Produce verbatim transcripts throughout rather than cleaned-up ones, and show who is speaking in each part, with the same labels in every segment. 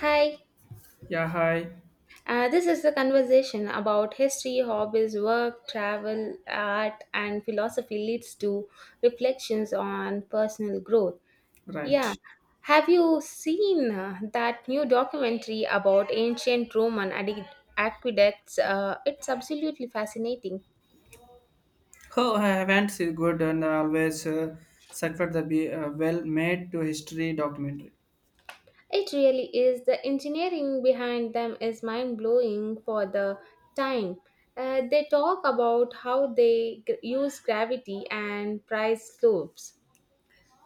Speaker 1: Hi,
Speaker 2: Yeah, hi.
Speaker 1: uh, this is the conversation about history, hobbies, work, travel, art, and philosophy leads to reflections on personal growth. Yeah,
Speaker 2: Right.
Speaker 1: have you seen uh, that new documentary about ancient Roman adi- aqueducts? Uh, it's absolutely fascinating.
Speaker 2: Oh, I haven't seen good and I always uh, suffered the be uh, well made to history documentary.
Speaker 1: It really is. The engineering behind them is mind blowing for the time. Uh, they talk about how they g- use gravity and price loops.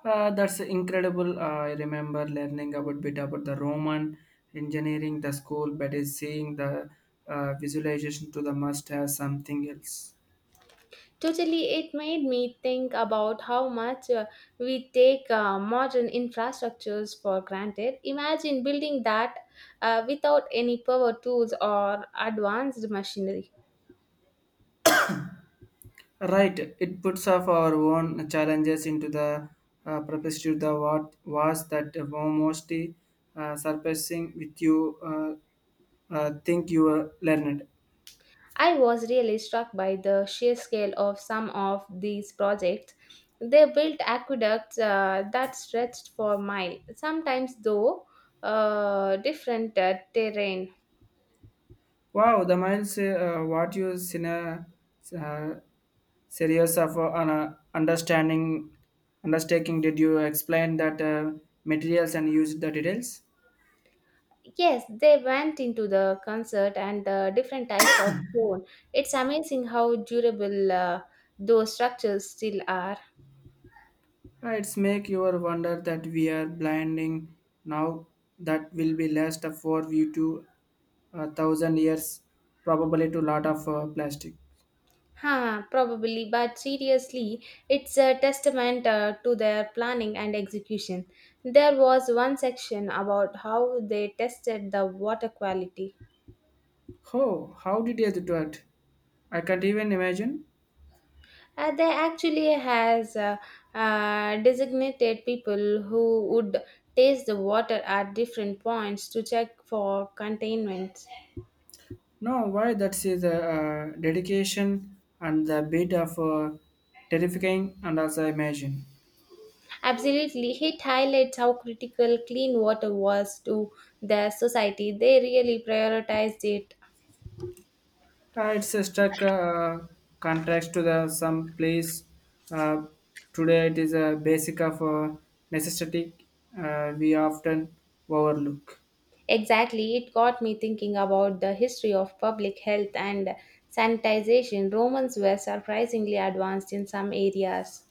Speaker 2: Uh, that's incredible. I remember learning about bit about the Roman engineering, the school, but is seeing the uh, visualization to the must have something else.
Speaker 1: Totally, it made me think about how much uh, we take uh, modern infrastructures for granted. Imagine building that uh, without any power tools or advanced machinery.
Speaker 2: Right. It puts off our own challenges into the uh, perspective the what was that mostly uh, surpassing with you uh, uh, think you uh, learned.
Speaker 1: I was really struck by the sheer scale of some of these projects. They built aqueducts uh, that stretched for miles, sometimes though uh, different uh, terrain.
Speaker 2: Wow, the miles uh, what you cine, uh, series of uh, an, uh, understanding undertaking did you explain that uh, materials and use the details?
Speaker 1: Yes, they went into the concert and the different types of stone. It's amazing how durable uh, those structures still are.
Speaker 2: Uh, it's make your wonder that we are blinding now that will be last for you to a thousand years probably to lot of uh, plastic.
Speaker 1: Huh, probably, but seriously, it's a testament uh, to their planning and execution. There was one section about how they tested the water quality.
Speaker 2: Oh, how did you do it? I can't even imagine.
Speaker 1: Uh, they actually has uh, uh, designated people who would taste the water at different points to check for containment.
Speaker 2: No, why that's is a uh, dedication and the bit of uh, terrifying and as I imagine.
Speaker 1: Absolutely, it highlights how critical clean water was to the society. They really prioritized it.
Speaker 2: Uh, it's a struck uh, contrast to the some place. Uh, Today it is a basic of uh, necessity uh, we often overlook.
Speaker 1: Exactly, it got me thinking about the history of public health and sanitization. Romans were surprisingly advanced in some areas.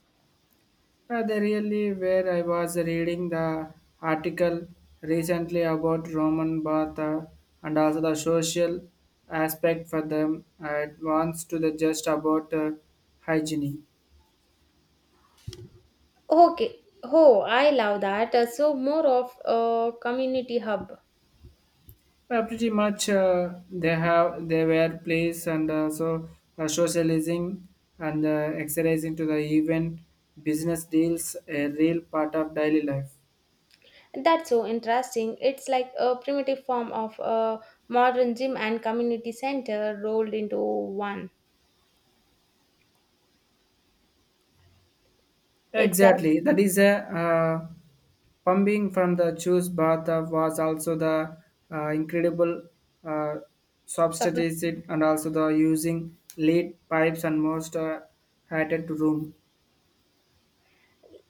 Speaker 2: Uh, they really where I was reading the article recently about Roman bath uh, and also the social aspect for them. Uh, It wants to the just about uh, hygiene.
Speaker 1: Okay. Oh, I love that. Uh, So, more of a community hub.
Speaker 2: Uh, pretty much uh, they have they were place and also the socializing and uh, exercising to the event business deals a real part of daily life.
Speaker 1: That's so interesting. It's like a primitive form of a modern gym and community center rolled into one. Exact.
Speaker 2: Exactly. That is a uh, pumping from the juice bath of was also the uh, incredible uh,
Speaker 1: So, for
Speaker 2: substitutes it and also the using lead pipes and most uh, heated room.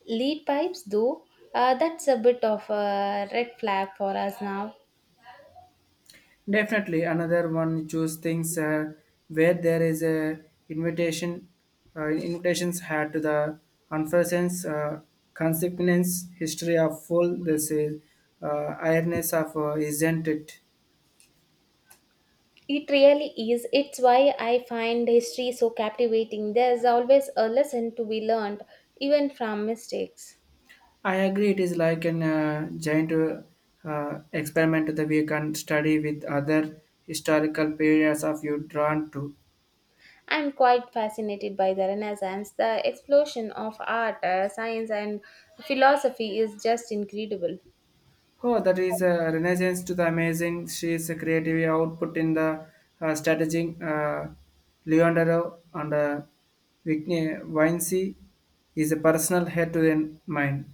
Speaker 1: lead pipes, though, uh, that's a bit of a red flag for us now.
Speaker 2: Definitely another one choose things uh, where there is a invitation uh, invitations had to the unforeseen uh, consequence history of full this is uh, ironess of uh, isn't it.
Speaker 1: It really is. It's why I find history so captivating. There's always a lesson to be learned, even from mistakes.
Speaker 2: I agree. It is like an uh, giant uh, uh, experiment that we can study with other historical periods of you drawn to.
Speaker 1: I'm quite fascinated by the Renaissance. The explosion of art, uh, science, and philosophy is just incredible.
Speaker 2: Oh, that is a renaissance to the amazing. She is a creative output in the uh, strategy. Uh, Leonardo and uh, Vinci is a personal head to the mind.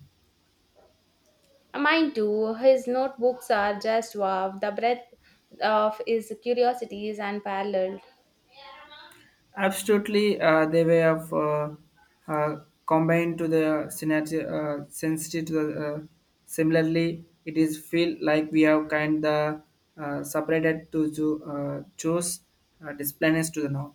Speaker 1: Mine too. His notebooks are just wow. The breadth of his curiosity is unparalleled.
Speaker 2: Absolutely, uh, they were of, uh, uh, combined to the synergy, uh, sensitive to the. Uh, similarly, it is feel like we have kind the uh, separated to cho- uh, choose uh, disciplines to the norm.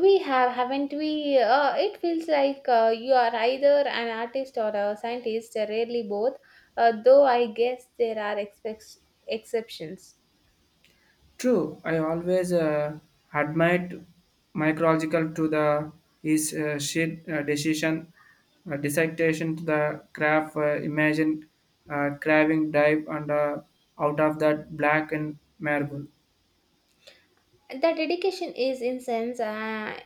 Speaker 1: We have, haven't we? Uh, it feels like uh, you are either an artist or a scientist, uh, rarely both, uh, though I guess there are expec- exceptions.
Speaker 2: True, I always uh, admired micrological to the his uh, sheet uh, decision uh, dissertation to the graph uh, imagine uh, craving dive and uh, out of that black and marble.
Speaker 1: The dedication is incense uh,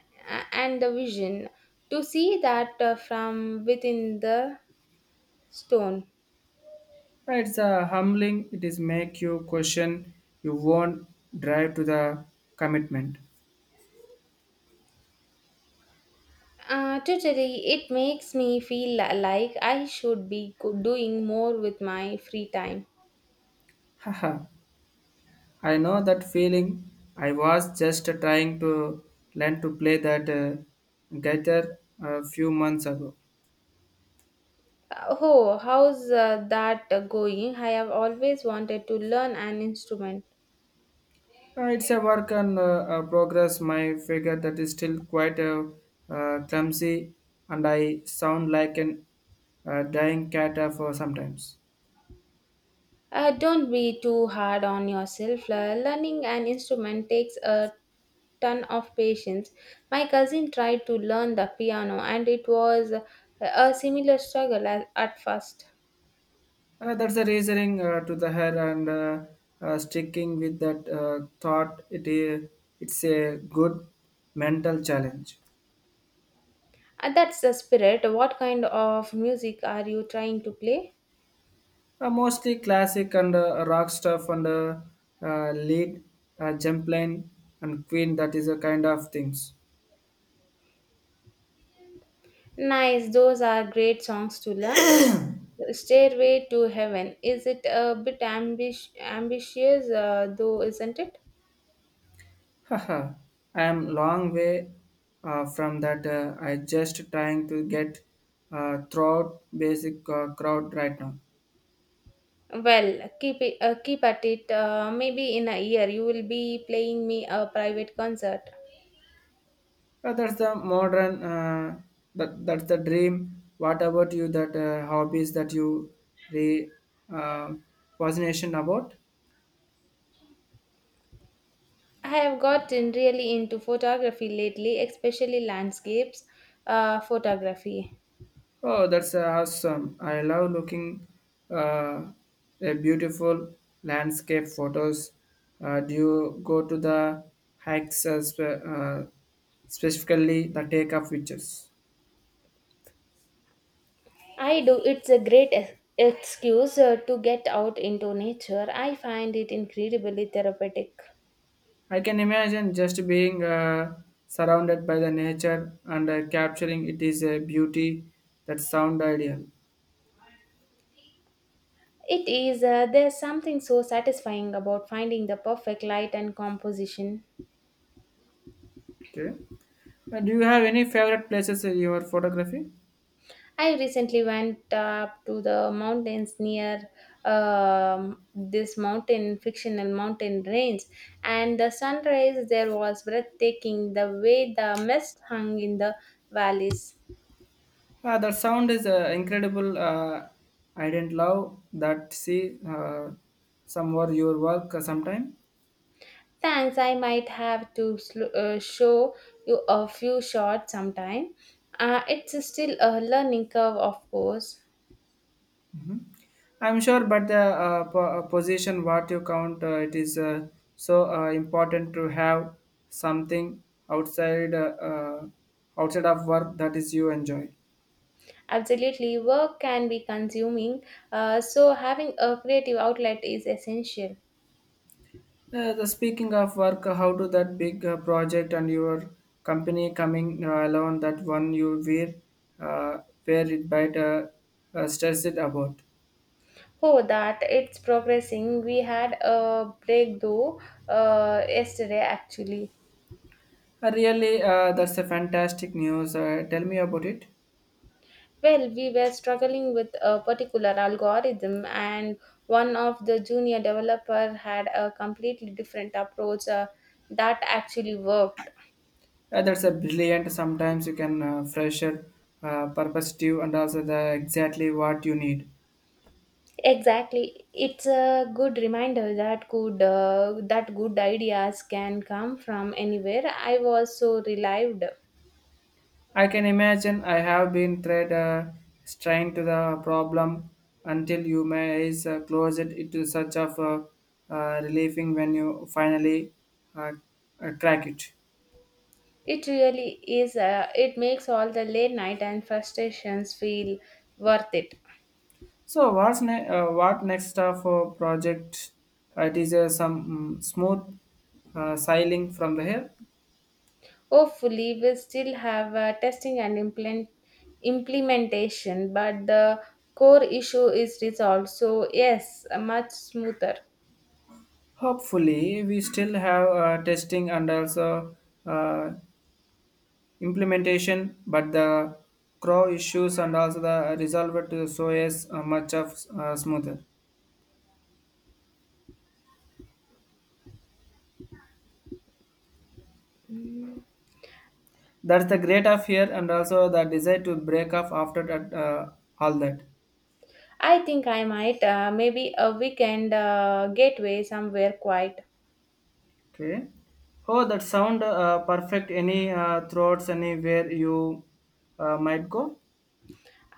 Speaker 1: and the vision to see that uh, from within the stone.
Speaker 2: It's a humbling. It is make you question you won't drive to the commitment.
Speaker 1: Uh, totally, it makes me feel li- like I should be go- doing more with my free time.
Speaker 2: Haha. I know that feeling. I was just trying to learn to play that uh, guitar a few months ago.
Speaker 1: Uh, Oh, how's uh, that uh, going? I have always wanted to learn an instrument.
Speaker 2: Uh, it's a work and uh, uh, progress. My figure that is still quite uh, uh, clumsy, and I sound like an uh, dying cat uh, for sometimes.
Speaker 1: Uh, don't be too hard on yourself. Uh, learning an instrument takes a ton of patience. My cousin tried to learn the piano, and it was uh, a similar struggle at, at first.
Speaker 2: Uh, that's the reasoning uh, to the head and uh, uh, sticking with that uh, thought. It is it's a good mental challenge.
Speaker 1: Uh, that's the spirit. What kind of music are you trying to play?
Speaker 2: Uh, mostly classic and uh, rock stuff and uh, uh, lead, uh, jump line and queen. That is a kind of things.
Speaker 1: Nice, those are great songs to learn. Stairway to Heaven. Is it a bit ambish- ambitious, uh, though, isn't it?
Speaker 2: Haha, I am long way uh, from that. Uh, I just trying to get uh, throughout basic uh, crowd right now.
Speaker 1: Well, keep it, uh, keep at it. Uh, maybe in a year you will be playing me a private concert.
Speaker 2: Uh, that's the modern uh, that that's the dream. What about you? That uh, hobbies that you the uh, fascination about?
Speaker 1: I have gotten really into photography lately, especially landscapes uh, photography.
Speaker 2: Oh, that's awesome! I love looking uh, a beautiful landscape photos. Uh, do you go to the hikes as, well, uh, specifically the take of pictures?
Speaker 1: I do. It's a great ex- excuse uh, to get out into nature. I find it incredibly therapeutic.
Speaker 2: I can imagine just being uh, surrounded by the nature and uh, capturing it is a beauty that sound ideal.
Speaker 1: It is, uh, there's something so satisfying about finding the perfect light and composition.
Speaker 2: Okay. Uh, do you have any favorite places in your photography?
Speaker 1: I recently went up to the mountains near um, this mountain, fictional mountain range, and the sunrise there was breathtaking, the way the mist hung in the valleys.
Speaker 2: Uh, the sound is uh, incredible. Uh, I didn't love that see uh, some more your work uh, sometime.
Speaker 1: Thanks, I might have to sl- uh, show you a few shots sometime. Uh, it's still a learning curve, of course.
Speaker 2: I'm sure, but the uh, po- uh, position what you count, uh, it is uh, so uh, important to have something outside uh, uh, outside of work that is you enjoy.
Speaker 1: Absolutely, work can be consuming, uh, so having a creative outlet is essential.
Speaker 2: Uh, the speaking of work, how do that big uh, project and your company coming uh, alone that one you were uh, where it might uh, uh, stress it about.
Speaker 1: Oh, that it's progressing. We had a breakthrough uh, yesterday actually.
Speaker 2: Uh, really, uh, that's a fantastic news. Uh, tell me about it.
Speaker 1: Well, we were struggling with a particular algorithm, and one of the junior developer had a completely different approach uh, that actually worked.
Speaker 2: Uh, that's a brilliant. Sometimes you can uh, fresher, uh, perspective, and also the exactly what you need.
Speaker 1: Exactly. It's a good reminder that good uh, that good ideas can come from anywhere. I was so relieved.
Speaker 2: I can imagine. I have been tried uh, trying to the problem until you may is uh, close it. It is such of uh, uh, relieving when you finally uh, uh, crack it.
Speaker 1: It really is. Uh, it makes all the late night and frustrations feel worth it.
Speaker 2: So what's ne- uh, what next uh, for project? Uh, it is uh, some mm, smooth uh, sailing from the hill.
Speaker 1: Hopefully, we will still have uh, testing and implement implementation, but the core issue is resolved. So yes, much smoother.
Speaker 2: Hopefully, we still have uh, testing and also uh, implementation, but the crow issues and also the resolve to so is uh, much of uh, smoother.
Speaker 1: Mm.
Speaker 2: That's the great of here and also the desire to break off after that, uh, all that.
Speaker 1: I think I might uh, maybe a weekend uh, gateway somewhere quiet.
Speaker 2: Okay. Oh, that sound uh, perfect. Any uh, throats anywhere you uh, might go?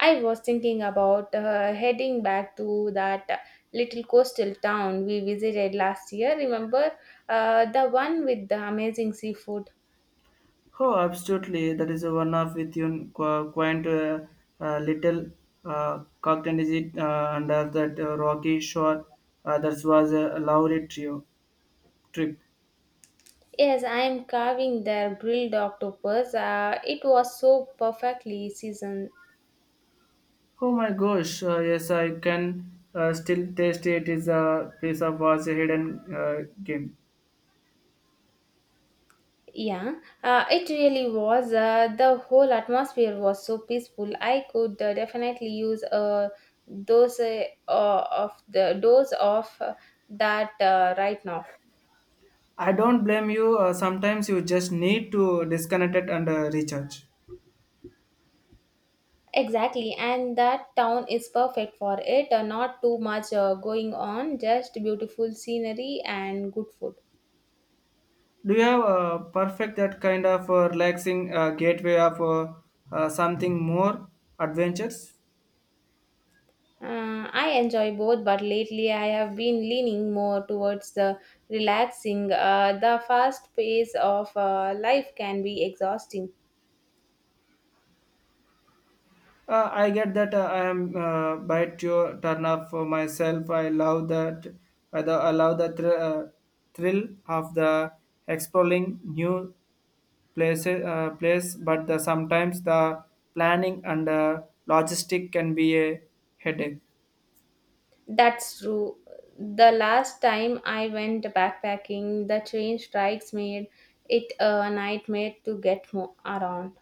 Speaker 1: I was thinking about uh, heading back to that little coastal town we visited last year. Remember uh, the one with the amazing seafood?
Speaker 2: Oh, absolutely. That is a one of with you qu- quaint uh, uh, little uh, cocktail is it uh, under that uh, rocky shore. Uh, that was a lovely trio, trip.
Speaker 1: Yes, I am carving their grilled octopus. Uh, it was so perfectly seasoned.
Speaker 2: Oh my gosh, uh, yes, I can uh, still taste it. Is a piece of was a hidden uh, game.
Speaker 1: Yeah, uh, it really was. Uh, the whole atmosphere was so peaceful. I could uh, definitely use a dose uh, of the dose of uh, that uh, right now.
Speaker 2: I don't blame you. Uh, sometimes you just need to disconnect it and uh, recharge.
Speaker 1: Exactly, and that town is perfect for it. Uh, not too much uh, going on, just beautiful scenery and good food.
Speaker 2: Do you have uh, perfect that kind of uh, relaxing uh, gateway of uh, uh, something more adventures?
Speaker 1: Uh, I enjoy both, but lately I have been leaning more towards the relaxing. Uh, the fast pace of uh, life can be exhausting.
Speaker 2: Uh, I get that uh, I am uh, bite your turn off for myself. I love that. I the, I love the thr- uh, thrill of the exploring new places. Uh, place, but the, sometimes the planning and uh, logistic can be a headache.
Speaker 1: That's true. The last time I went backpacking, the train strikes made it a nightmare to get mo- around.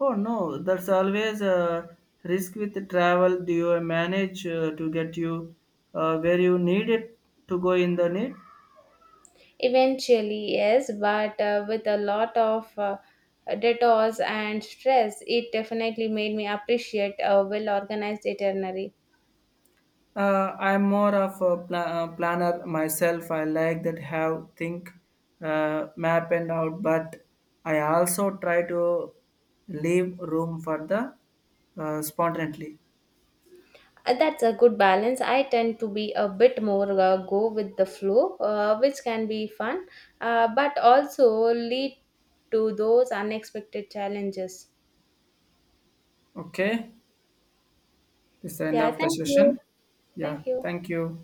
Speaker 2: Oh no, that's always a risk with travel. Do you manage uh, to get you uh, where you need it to go in the need?
Speaker 1: Eventually, yes, but uh, with a lot of uh, detours and stress, it definitely made me appreciate a well organized itinerary.
Speaker 2: Uh, I'm more of a pla- uh, planner myself. I like that have think, uh, map and out, but I also try to leave room for the uh, spontaneity.
Speaker 1: Uh, That's a good balance. I tend to be a bit more uh, go with the flow, uh, which can be fun, uh, but also lead to those unexpected challenges.
Speaker 2: Okay, this is the end
Speaker 1: Yeah,
Speaker 2: of the
Speaker 1: thank you.
Speaker 2: session. Yeah,
Speaker 1: Thank you.
Speaker 2: thank you.